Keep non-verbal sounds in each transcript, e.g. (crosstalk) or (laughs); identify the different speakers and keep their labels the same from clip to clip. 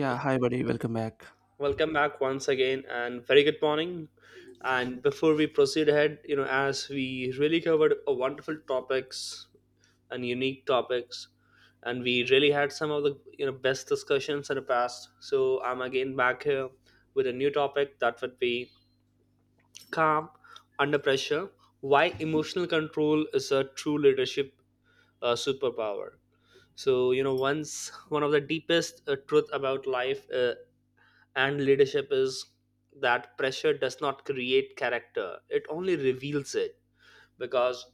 Speaker 1: Yeah, hi buddy, welcome back.
Speaker 2: Welcome back once again, and very good morning. And before we proceed ahead, as we really covered a wonderful topics and unique topics, and we really had some of the best discussions in the past. So I'm again back here with a new topic that would be calm under pressure. Why emotional control is a true leadership superpower. So you know, once one of the deepest truth about life and leadership is that pressure does not create character, it only reveals it. Because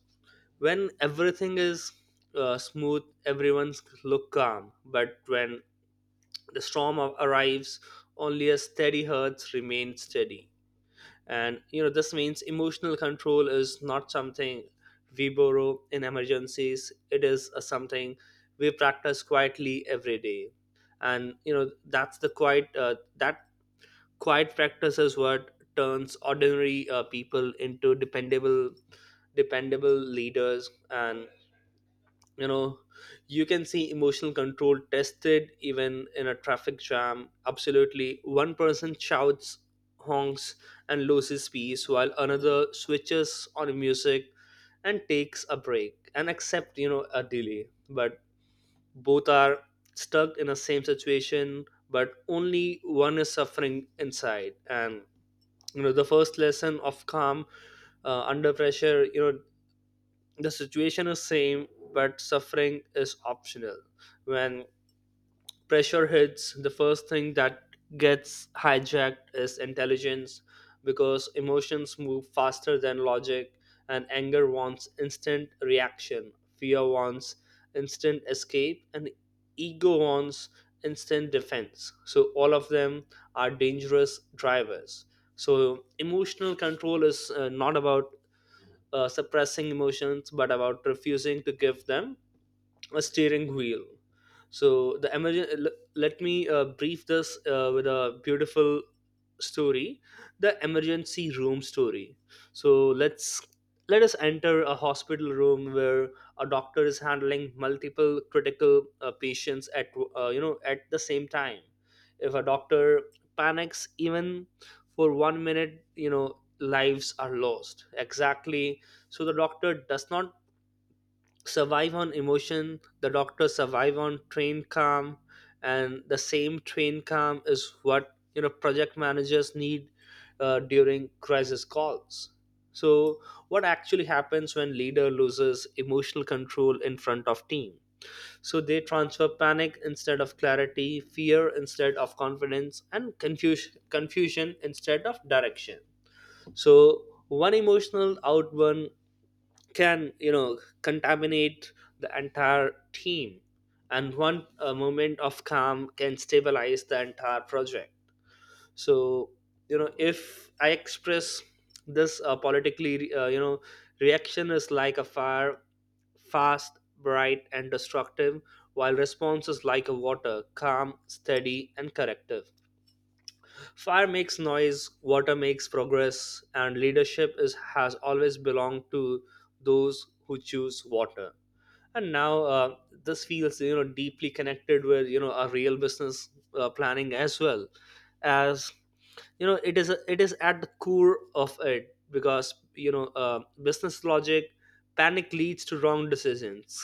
Speaker 2: when everything is smooth, everyone's look calm, but when the arrives, only a steady heart remains steady. And you know this means emotional control is not something we borrow in emergencies, it is a something we practice quietly every day. And you know that's the quiet that Quiet practice is what turns ordinary people into dependable leaders. And you know, you can see emotional control tested even in a traffic jam. Absolutely, one person shouts, honks, and loses peace, while another switches on music and takes a break and accept a delay. But both are stuck in the same situation, but only one is suffering inside. And you know the first lesson of calm under pressure, the situation is same but suffering is optional. When pressure hits, the first thing that gets hijacked is intelligence, because emotions move faster than logic, and anger wants instant reaction, fear wants instant escape, and ego wants instant defense. So, all of them are dangerous drivers. So, emotional control is not about suppressing emotions, but about refusing to give them a steering wheel. So the let me brief this with a beautiful story, the emergency room story. So let us enter a hospital room where a doctor is handling multiple critical patients at at the same time. If a doctor panics even for 1 minute, you know lives are lost. Exactly. So the doctor does not survive on emotion, the doctors survive on train calm, and the same train calm is what you know project managers need during crisis calls. So what actually happens when leader loses emotional control in front of team? So they transfer panic instead of clarity, fear instead of confidence, and confusion instead of direction. So one emotional outburst can contaminate the entire team, and one moment of calm can stabilize the entire project. So if I express this politically, reaction is like a fire, fast, bright and destructive, while response is like a water, calm, steady and corrective. Fire makes noise, water makes progress, and leadership is has always belonged to those who choose water. And now this feels deeply connected with our real business planning as well, as you know it is at the core of it, because business logic, panic leads to wrong decisions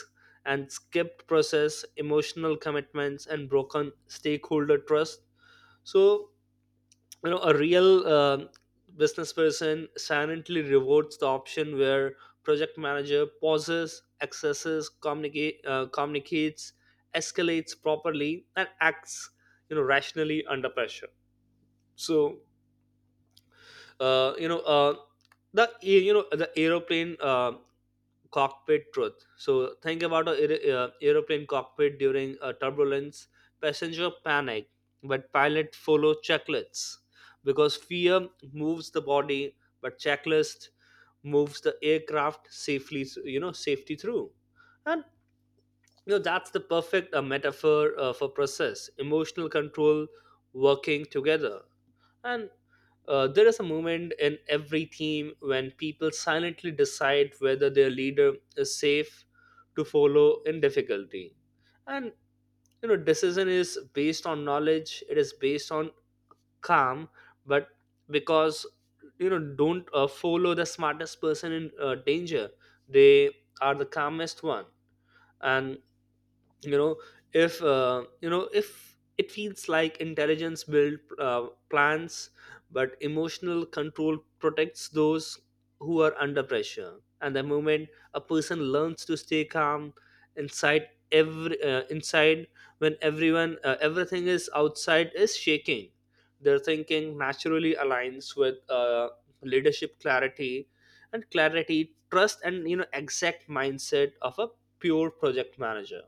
Speaker 2: and skipped process, emotional commitments, and broken stakeholder trust. So you know a real business person silently rewards the option where project manager pauses, accesses, communicates, escalates properly and acts rationally under pressure. So you know the you know the aeroplane cockpit truth. So think about a aeroplane cockpit during a turbulence. Passenger panic, but pilot follow checklists, because fear moves the body, but checklist moves the aircraft safely. You know, safety through, and you know that's the perfect metaphor for process, emotional control working together. And there is a moment in every team when people silently decide whether their leader is safe to follow in difficulty. And you know, decision is based on knowledge. It is based on calm. But because you know, don't follow the smartest person in danger. They are the calmest one. And you know if it feels like intelligence build plans, but emotional control protects those who are under pressure. And the moment a person learns to stay calm inside, every inside when everyone everything is outside is shaking, their thinking naturally aligns with leadership clarity, and clarity trust, and you know exact mindset of a pure project manager.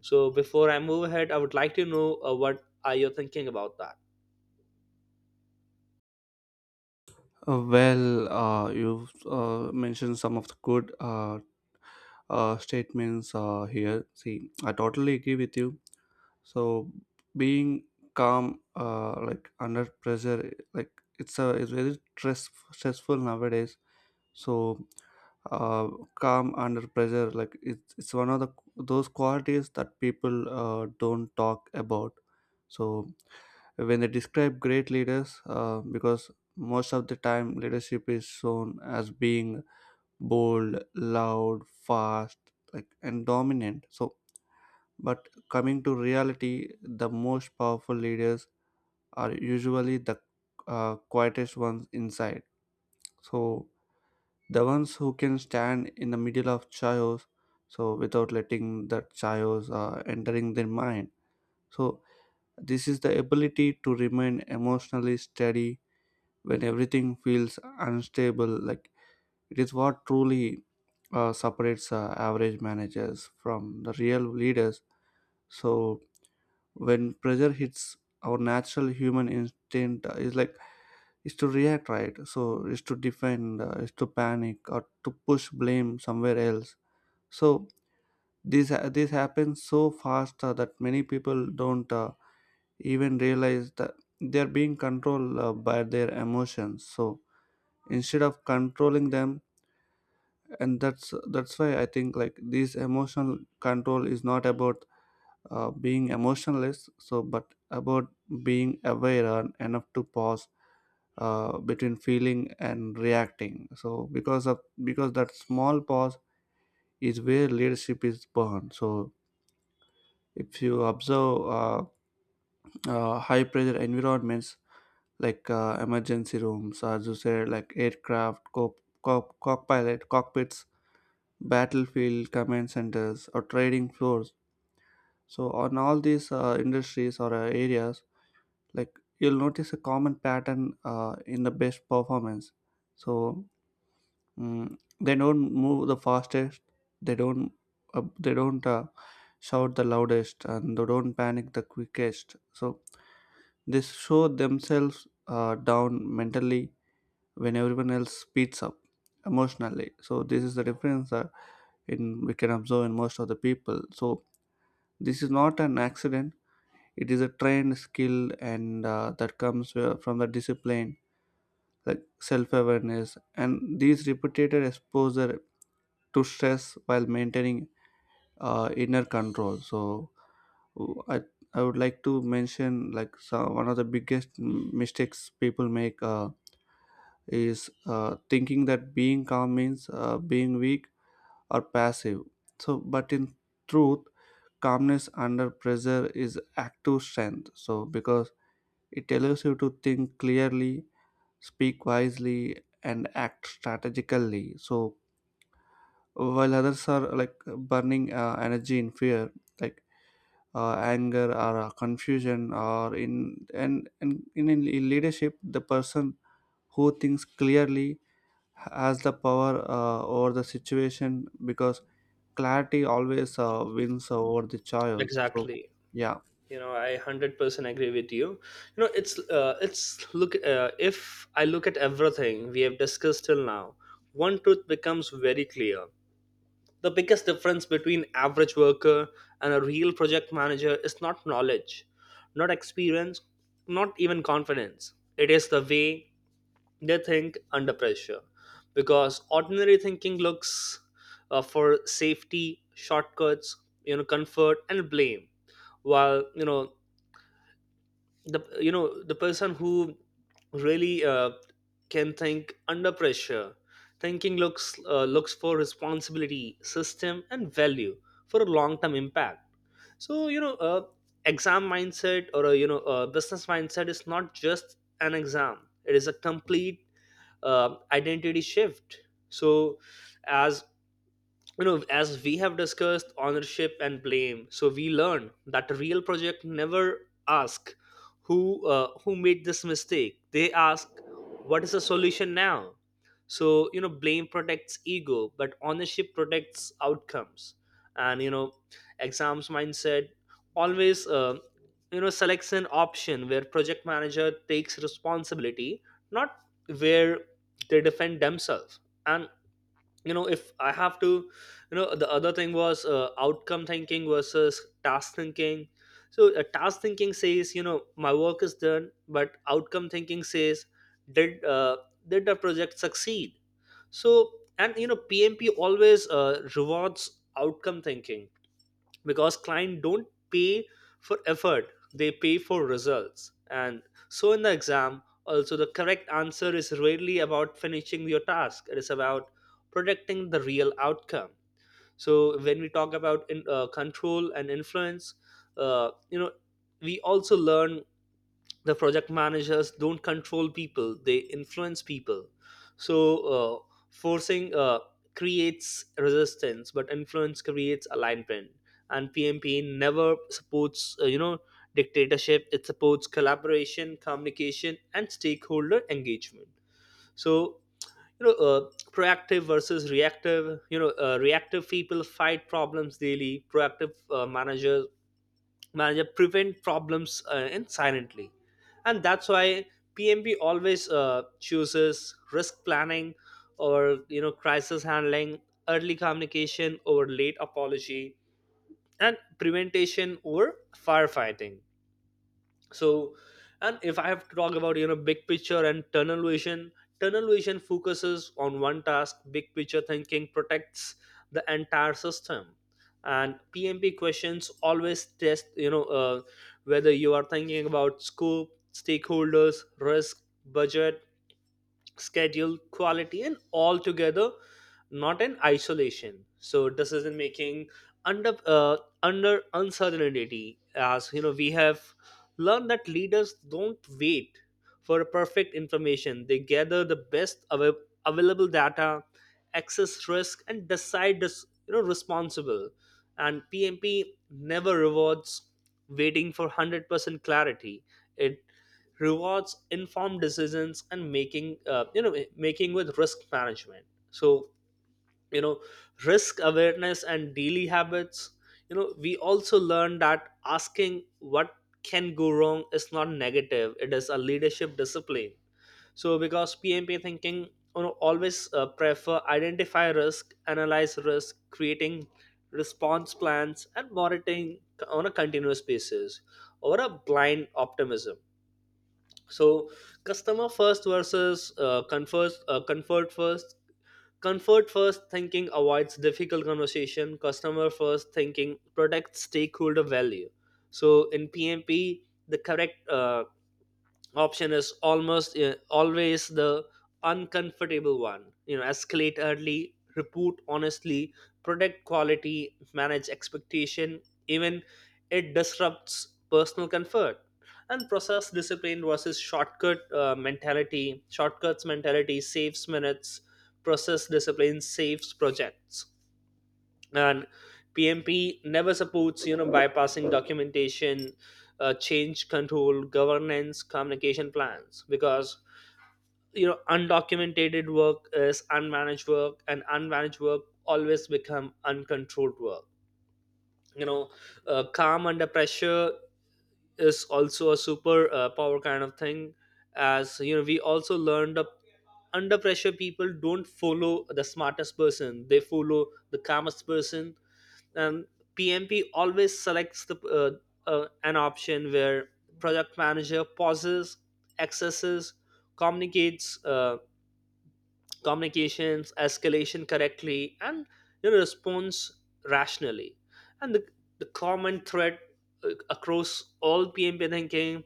Speaker 2: So before I move ahead, I would like to know what are you thinking about that?
Speaker 1: You've mentioned some of the good statements here. See, I totally agree with you. So, being calm, like under pressure, like it's a it's very stressful nowadays. So, uh, calm under pressure, like it's one of the those qualities that people don't talk about. So. When they describe great leaders, because most of the time leadership is shown as being bold, loud, fast, like, and dominant, so but coming to reality, the most powerful leaders are usually the quietest ones inside. So the ones who can stand in the middle of chaos, so without letting that chaos entering their mind. So this is the ability to remain emotionally steady when everything feels unstable, like it is what truly separates average managers from the real leaders. So when pressure hits, our natural human instinct is like is to react, right? So is to defend, is to panic or to push blame somewhere else. So this happens so fast that many people don't even realize that they are being controlled by their emotions, so instead of controlling them. And that's why I think, like, this emotional control is not about being emotionless, so but about being aware and enough to pause between feeling and reacting. So because of because that small pause is where leadership is born. So if you observe high pressure environments, like emergency rooms, as you said, like aircraft cockpilot cockpits, battlefield command centers, or trading floors, so on all these industries or areas, like, you'll notice a common pattern in the best performance. So they don't move the fastest, they don't uh, they don't uh, shout the loudest, and they don't panic the quickest. So they show themselves down mentally when everyone else speeds up emotionally. So this is the difference in we can observe in most of the people. So this is not an accident, it is a trained skill, and that comes from the discipline, like self-awareness and these repeated exposure to stress while maintaining inner control. So i I would like to mention, like, one of the biggest mistakes people make is thinking that being calm means being weak or passive. So but in truth, calmness under pressure is active strength, so because it allows you to think clearly, speak wisely, and act strategically. So while others are like burning energy in fear, like anger or confusion or in, in leadership, the person who thinks clearly has the power over the situation, because clarity always wins over the chaos. So
Speaker 2: Exactly.
Speaker 1: yeah.
Speaker 2: You know, I 100% agree with you. You know, it's look. If I look at everything we have discussed till now, one truth becomes very clear. The biggest difference between average worker and a real project manager is not knowledge, not experience, not even confidence. It is the way they think under pressure, because ordinary thinking looks for safety shortcuts, you know, comfort and blame, while the person who really can think under pressure, thinking looks for responsibility, system and value for a long term impact. So exam mindset, or a you know a business mindset, is not just an exam, it is a complete identity shift. So as you know, as we have discussed ownership and blame, so we learned that real project never ask who who made this mistake, they ask what is the solution now. So you know blame protects ego, but ownership protects outcomes. And you know exams mindset always selects an option where project manager takes responsibility, not where they defend themselves. And you know if I have to you know the other thing was outcome thinking versus task thinking. So task thinking says you know my work is done, but outcome thinking says did uh, did the project succeed. So and you know PMP always rewards outcome thinking, because client don't pay for effort, they pay for results. And so in the exam also, the correct answer is rarely about finishing your task, it is about protecting the real outcome. So when we talk about control and influence, uh, you know we also learn the project managers don't control people, they influence people. So uh, forcing creates resistance, but influence creates alignment. And PMP never supports dictatorship, it supports collaboration, communication and stakeholder engagement. So you know uh, proactive versus reactive, reactive people fight problems daily, proactive manager prevent problems and silently. And that's why PMP always chooses risk planning, or you know crisis handling, early communication over late apology, and preventation over firefighting. So and if I have to talk about you know big picture and tunnel vision, tunnel vision focuses on one task, big picture thinking protects the entire system. And PMP questions always test you know whether you are thinking about scope, stakeholders, risk, budget, schedule, quality and all together, not in isolation. So decision making under uh, under uncertainty, as you know we have learned that leaders don't wait for perfect information. They gather the best available data, assess risk, and decide this, you know, responsible. And PMP never rewards waiting for 100% clarity. It rewards informed decisions and making with risk management. So you know risk awareness and daily habits, you know we also learn that asking what can go wrong is not negative, it is a leadership discipline. So because PMP thinking you know always prefer identify risk, analyze risk, creating response plans and monitoring on a continuous basis over a blind optimism. So customer first versus comfort first, comfort first thinking avoids difficult conversation, customer first thinking protects stakeholder value. So in PMP the correct option is almost always the uncomfortable one, you know, escalate early, report honestly, protect quality, manage expectation, even it disrupts personal comfort. And process discipline versus shortcut mentality, shortcuts mentality saves minutes, process discipline saves projects. And PMP never supports you know bypassing documentation, change control, governance, communication plans, because you know undocumented work is unmanaged work, and unmanaged work always become uncontrolled work. You know, calm under pressure is also a super power kind of thing. As you know, we also learned up, under pressure people don't follow the smartest person, they follow the calmest person. um, PMP always selects the an option where product manager pauses, accesses, communicates, communications escalation correctly and your response rationally. And the common thread uh, across all pmp thinking,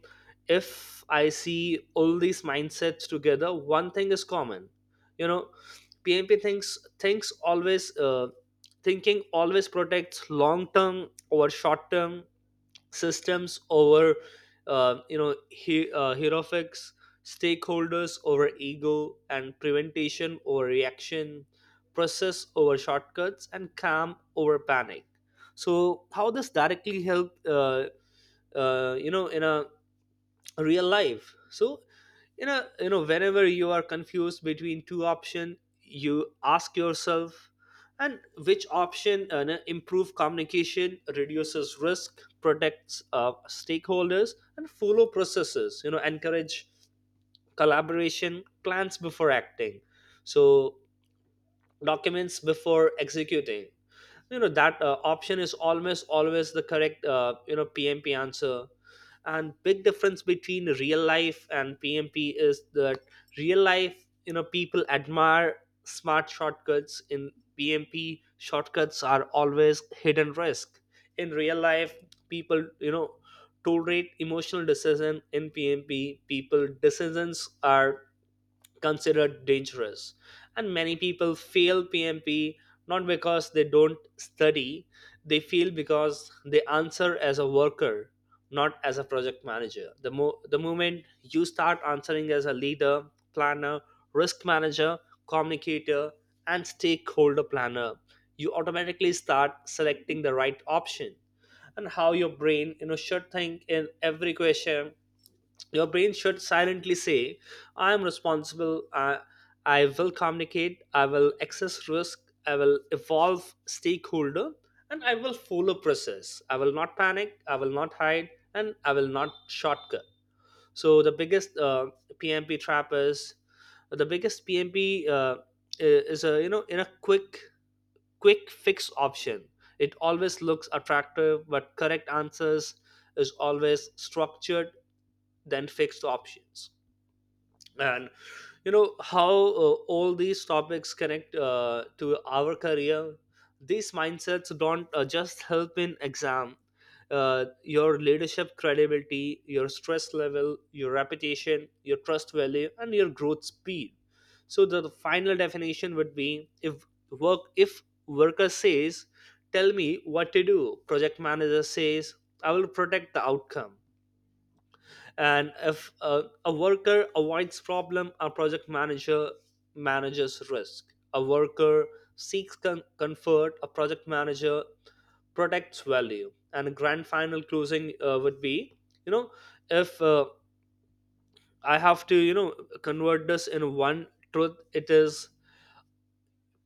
Speaker 2: if I see all these mindsets together, one thing is common. you know PMP thinks always thinking always protects long term over short term, systems over hierarchies, stakeholders over ego, and preventation over reaction, process over shortcuts, and calm over panic. So how this directly help in a real life? So you know whenever you are confused between two options, you ask yourself, and which option no, improve communication, reduces risk, protects stakeholders, and follow processes, encourage collaboration, plans before acting, so documents before executing, that option is almost always the correct pmp answer. And big difference between real life and pmp is that real life, people admire smart shortcuts, in pmp shortcuts are always hidden risk. In real life people tolerate emotional decision, in pmp people decisions are considered dangerous. And many people fail PMP not because they don't study, they fail because they answer as a worker, not as a project manager. The moment you start answering as a leader, planner, risk manager, communicator, and stakeholder planner, you automatically start selecting the right option. And how your brain, you know, should think in every question, your brain should silently say, I am responsible, I will communicate, I will access risk, I will evolve stakeholder, and I will follow process. I will not panic, I will not hide, and I will not shortcut. So, the biggest PMP trap is the biggest PMP is a, you know, in a quick fix option. It always looks attractive, but correct answers is always structured then fixed options. And you know how all these topics connect to our career, these mindsets don't just help in exam, your leadership credibility, your stress level, your reputation, your trust value, and your growth speed. So the final definition would be, if worker says tell me what to do, project manager says I will protect the outcome. And if a worker avoids problem, a project manager manages risk. A worker seeks comfort, a project manager protects value. And a grand final closing would be, you know if I have to, you know, convert this in one truth, it is: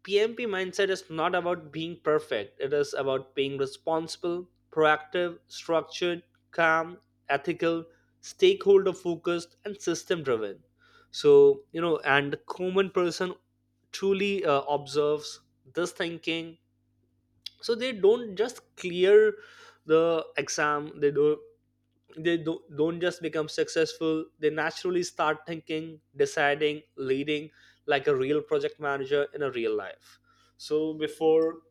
Speaker 2: PMP mindset is not about being perfect, it is about being responsible, proactive, structured, calm, ethical, stakeholder focused, and system driven. So, you know, and the common person truly observes this thinking. So they don't just clear the exam, don't just become successful, they naturally start thinking, deciding, leading like a real project manager in a real life. So before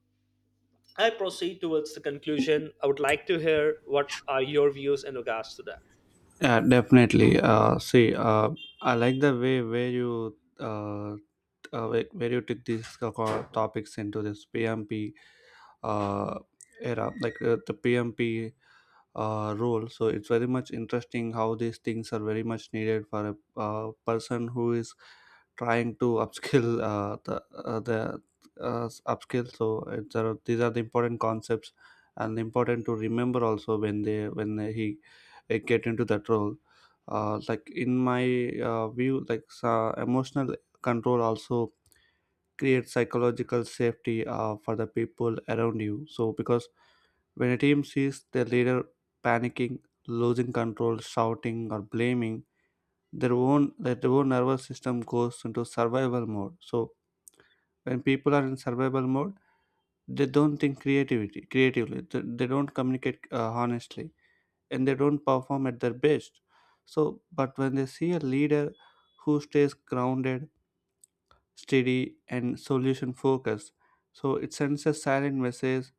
Speaker 2: I proceed towards the conclusion, I would like to hear what are your views in regards to that.
Speaker 1: Yeah, definitely. See, I like the way where you uh, where where you took these topics into this PMP uh, era, like, the PMP role. So it's very much interesting how these things are very much needed for a, person who is trying to upskill (laughs) the upskill. So it's, these are the important concepts and important to remember also when they when he get into that role. Uh, like in my view, like, emotional control also creates psychological safety for the people around you, so because when a team sees their leader panicking, losing control, shouting, or blaming, their own nervous system goes into survival mode. So when people are in survival mode, they don't think creativity creatively. They don't communicate honestly, and they don't perform at their best. So, but when they see a leader who stays grounded, steady, and solution focused, so it sends a silent message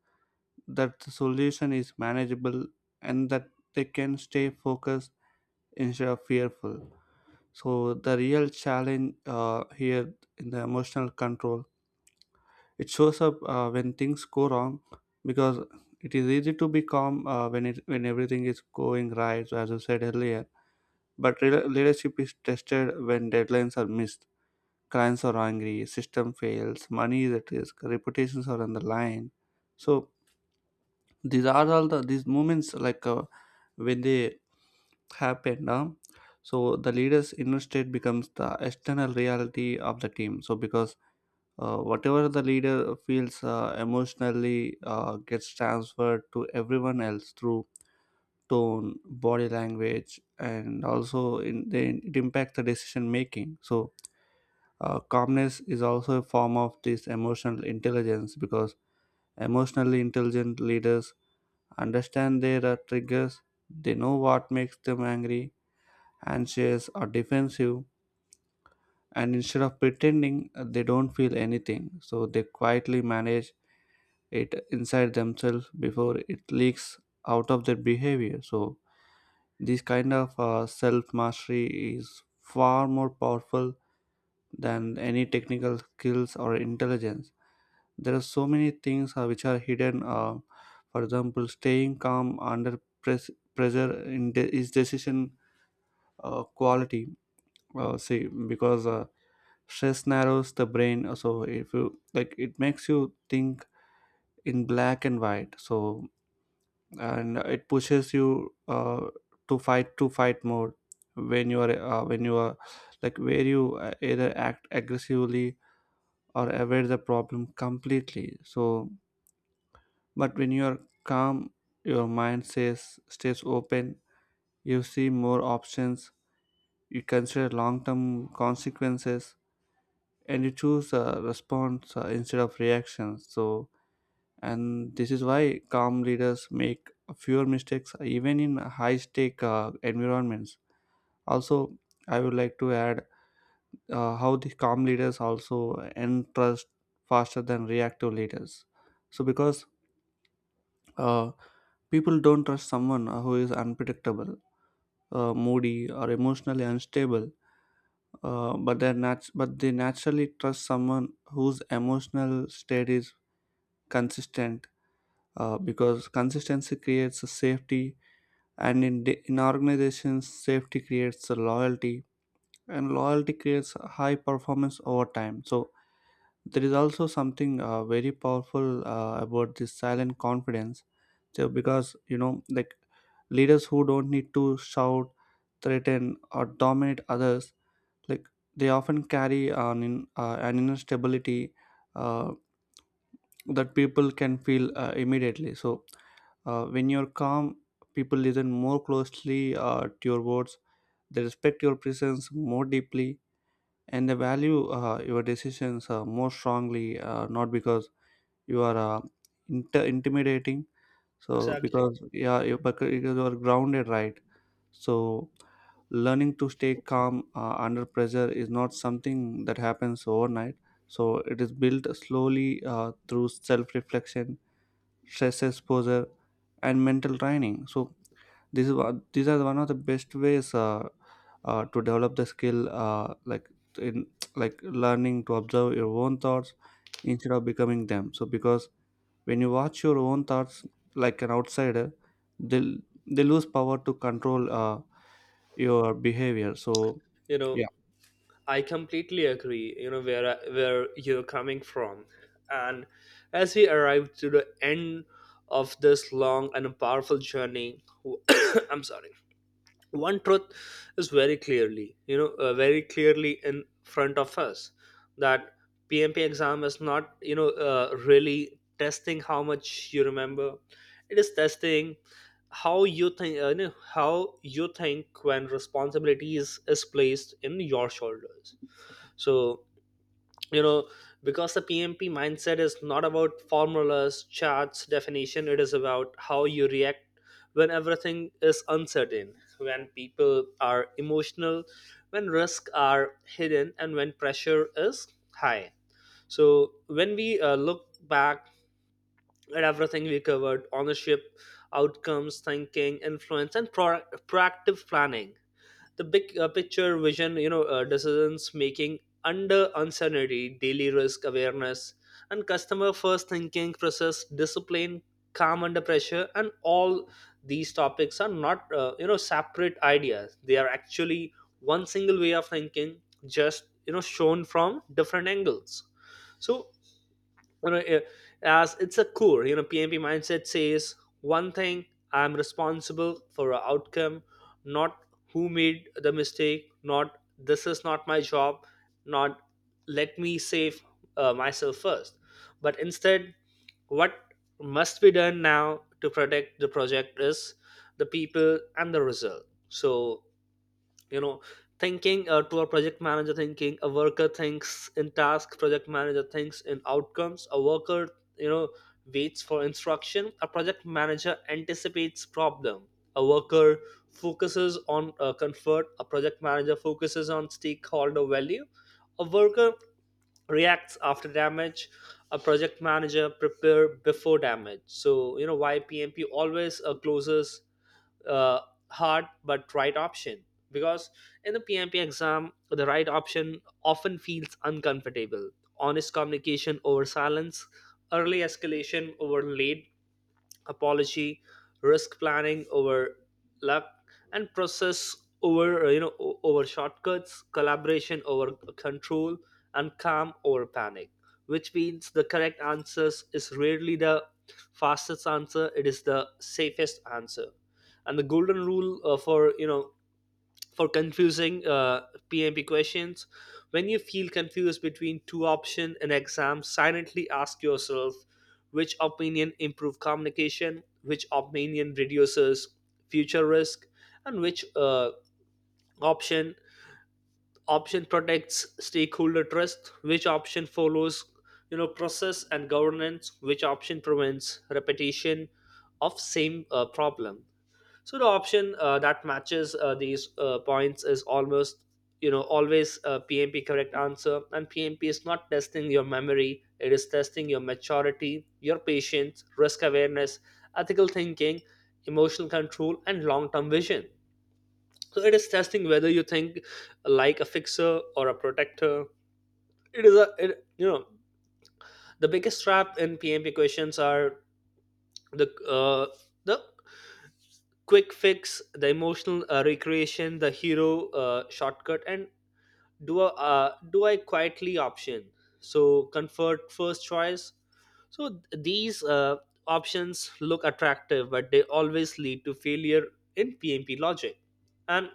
Speaker 1: that the solution is manageable and that they can stay focused instead of fearful. So the real challenge here in the emotional control, it shows up when things go wrong, because it is easy to be calm when it when everything is going right, so as I said earlier. But leadership is tested when deadlines are missed, clients are angry, system fails, money is at risk, reputations are on the line. So these are all the these moments like, when they happen now. So the leader's inner state becomes the external reality of the team, so because whatever the leader feels emotionally gets transferred to everyone else through tone, body language, and also in then it impacts the decision making. So calmness is also a form of this emotional intelligence, because emotionally intelligent leaders understand their triggers, they know what makes them angry and shares are defensive, and instead of pretending they don't feel anything, so they quietly manage it inside themselves before it leaks out of their behavior. So this kind of self mastery is far more powerful than any technical skills or intelligence. There are so many things which are hidden, for example, staying calm under pressure in is decision quality, see because stress narrows the brain, so if you, like, it makes you think in black and white. So and it pushes you to fight, to fight mode, when you are, like, where you either act aggressively or avoid the problem completely. So but when you are calm, your mind says stays open, you see more options, you consider long term consequences, and you choose a response instead of reactions. So and this is why calm leaders make fewer mistakes even in high stake environments. Also, I would like to add how the calm leaders also earn trust faster than reactive leaders, so because uh, people don't trust someone who is unpredictable, moody, or emotionally unstable, but they naturally trust someone whose emotional state is consistent, because consistency creates a safety, and in, in organizations, safety creates the loyalty, and loyalty creates high performance over time. So there is also something very powerful about this silent confidence, so because, you know, like, leaders who don't need to shout, threaten, or dominate others, like, they often carry an inner stability uh, that people can feel immediately. So when you're calm, people listen more closely to your words. They respect your presence more deeply, and they value your decisions more strongly. Not because you are intimidating, so
Speaker 2: Exactly.
Speaker 1: because yeah, you because you are grounded, right? So learning to stay calm under pressure is not something that happens overnight. So it is built slowly through self-reflection, stress exposure, and mental training. So these are one of the best ways to develop the skill, like in (tsk) like learning to observe your own thoughts instead of becoming them. So because when you watch your own thoughts like an outsider, they they lose power to control your behavior. So
Speaker 2: You know,
Speaker 1: yeah.
Speaker 2: I completely agree, you know, where where you're coming from. And as we arrive to the end of this long and powerful journey (coughs) I'm sorry. One truth is very clearly, very clearly in front of us, that pmp exam is not, really testing how much you remember, it is testing how you think, how you think when responsibilities is placed in your shoulders. So, you know, because the pmp mindset is not about formulas, charts, definition, it is about how you react when everything is uncertain, when people are emotional, when risks are hidden, and when pressure is high. So when we look back at everything we covered, ownership, outcomes thinking, influence, and proactive planning, the big picture vision, decisions making under uncertainty, daily risk awareness, and customer first thinking, process discipline, calm under pressure, and all these topics are not, separate ideas, they are actually one single way of thinking, just, you know, shown from different angles. So, you know it- as it's a core, you know, pmp mindset says one thing: I'm responsible for a outcome, not who made the mistake, not this is not my job, not let me save myself first, but instead what must be done now to protect the project is the people and the result. So, you know, thinking to a project manager thinking, a worker thinks in task, project manager thinks in outcomes. A worker, you know, waits for instruction, a project manager anticipates problem. A worker focuses on comfort, a project manager focuses on stakeholder value. A worker reacts after damage, a project manager prepare before damage. So, you know, why pmp always closes uh, hard but right option? Because in the PMP exam, the right option often feels uncomfortable. Honest communication over silence, early escalation over late apology, risk planning over luck, and process over, over shortcuts, collaboration over control, and calm over panic. Which means the correct answers is rarely the fastest answer, it is the safest answer. And the golden rule for, you know, for confusing PMP questions: when you feel confused between two options in exam, silently ask yourself, which opinion improve communication, which opinion reduces future risk, and which option option protects stakeholder trust, which option follows, you know, process and governance, which option prevents repetition of same problem. So the option that matches these points is almost, you know, always a PMP correct answer. And PMP is not testing your memory; it is testing your maturity, your patience, risk awareness, ethical thinking, emotional control, and long-term vision. So it is testing whether you think like a fixer or a protector. It is you know, the biggest trap in PMP questions are the uh, the quick fix, the emotional recreation, the hero shortcut, and do a do I quietly option, so comfort first choice. So these options look attractive but they always lead to failure in pmp logic. And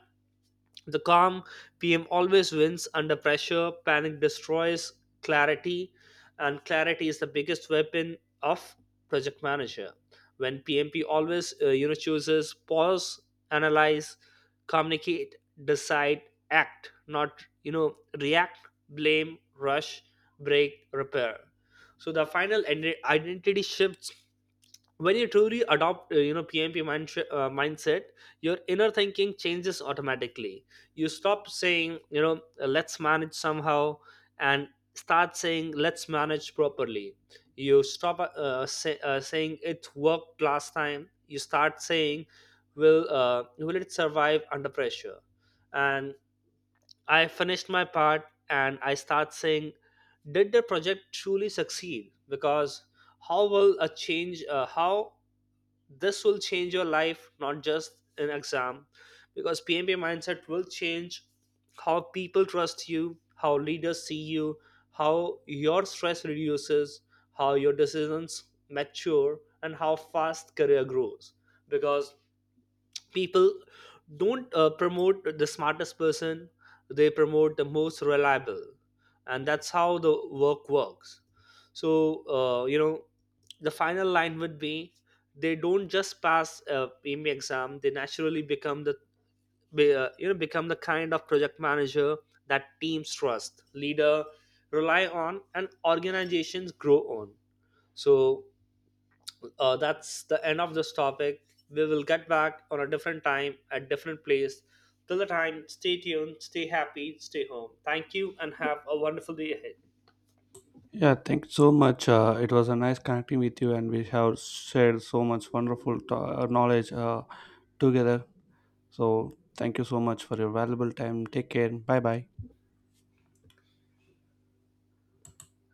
Speaker 2: the calm PM always wins under pressure, panic destroys clarity, and clarity is the biggest weapon of project manager. When PMP always, chooses pause, analyze, communicate, decide, act, not, you know, react, blame, rush, break, repair. So the final identity shifts when you truly adopt, pmp mindset, your inner thinking changes automatically. You stop saying, let's manage somehow, and start saying let's manage properly. You stop, saying it worked last time, you start saying will, will it survive under pressure. And I finished my part, and I start saying did the project truly succeed. Because how will a change, how this will change your life, not just an exam. Because pmp mindset will change how people trust you, how leaders see you, how your stress reduces, how your decisions mature, and how fast career grows. Because people don't promote the smartest person, they promote the most reliable. And that's how the work works. So, the final line would be, they don't just pass a PME exam, they naturally become the you know, become the kind of project manager that teams trust, leader rely on, and organizations grow on. So, that's the end of this topic. We will get back on a different time at different place. Till the time, stay tuned, stay happy, stay home. Thank you, and have a wonderful day ahead.
Speaker 1: Yeah, thanks so much. It was a nice connecting with you, and we have shared so much wonderful knowledge together. So, thank you so much for your valuable time. Take care. Bye bye.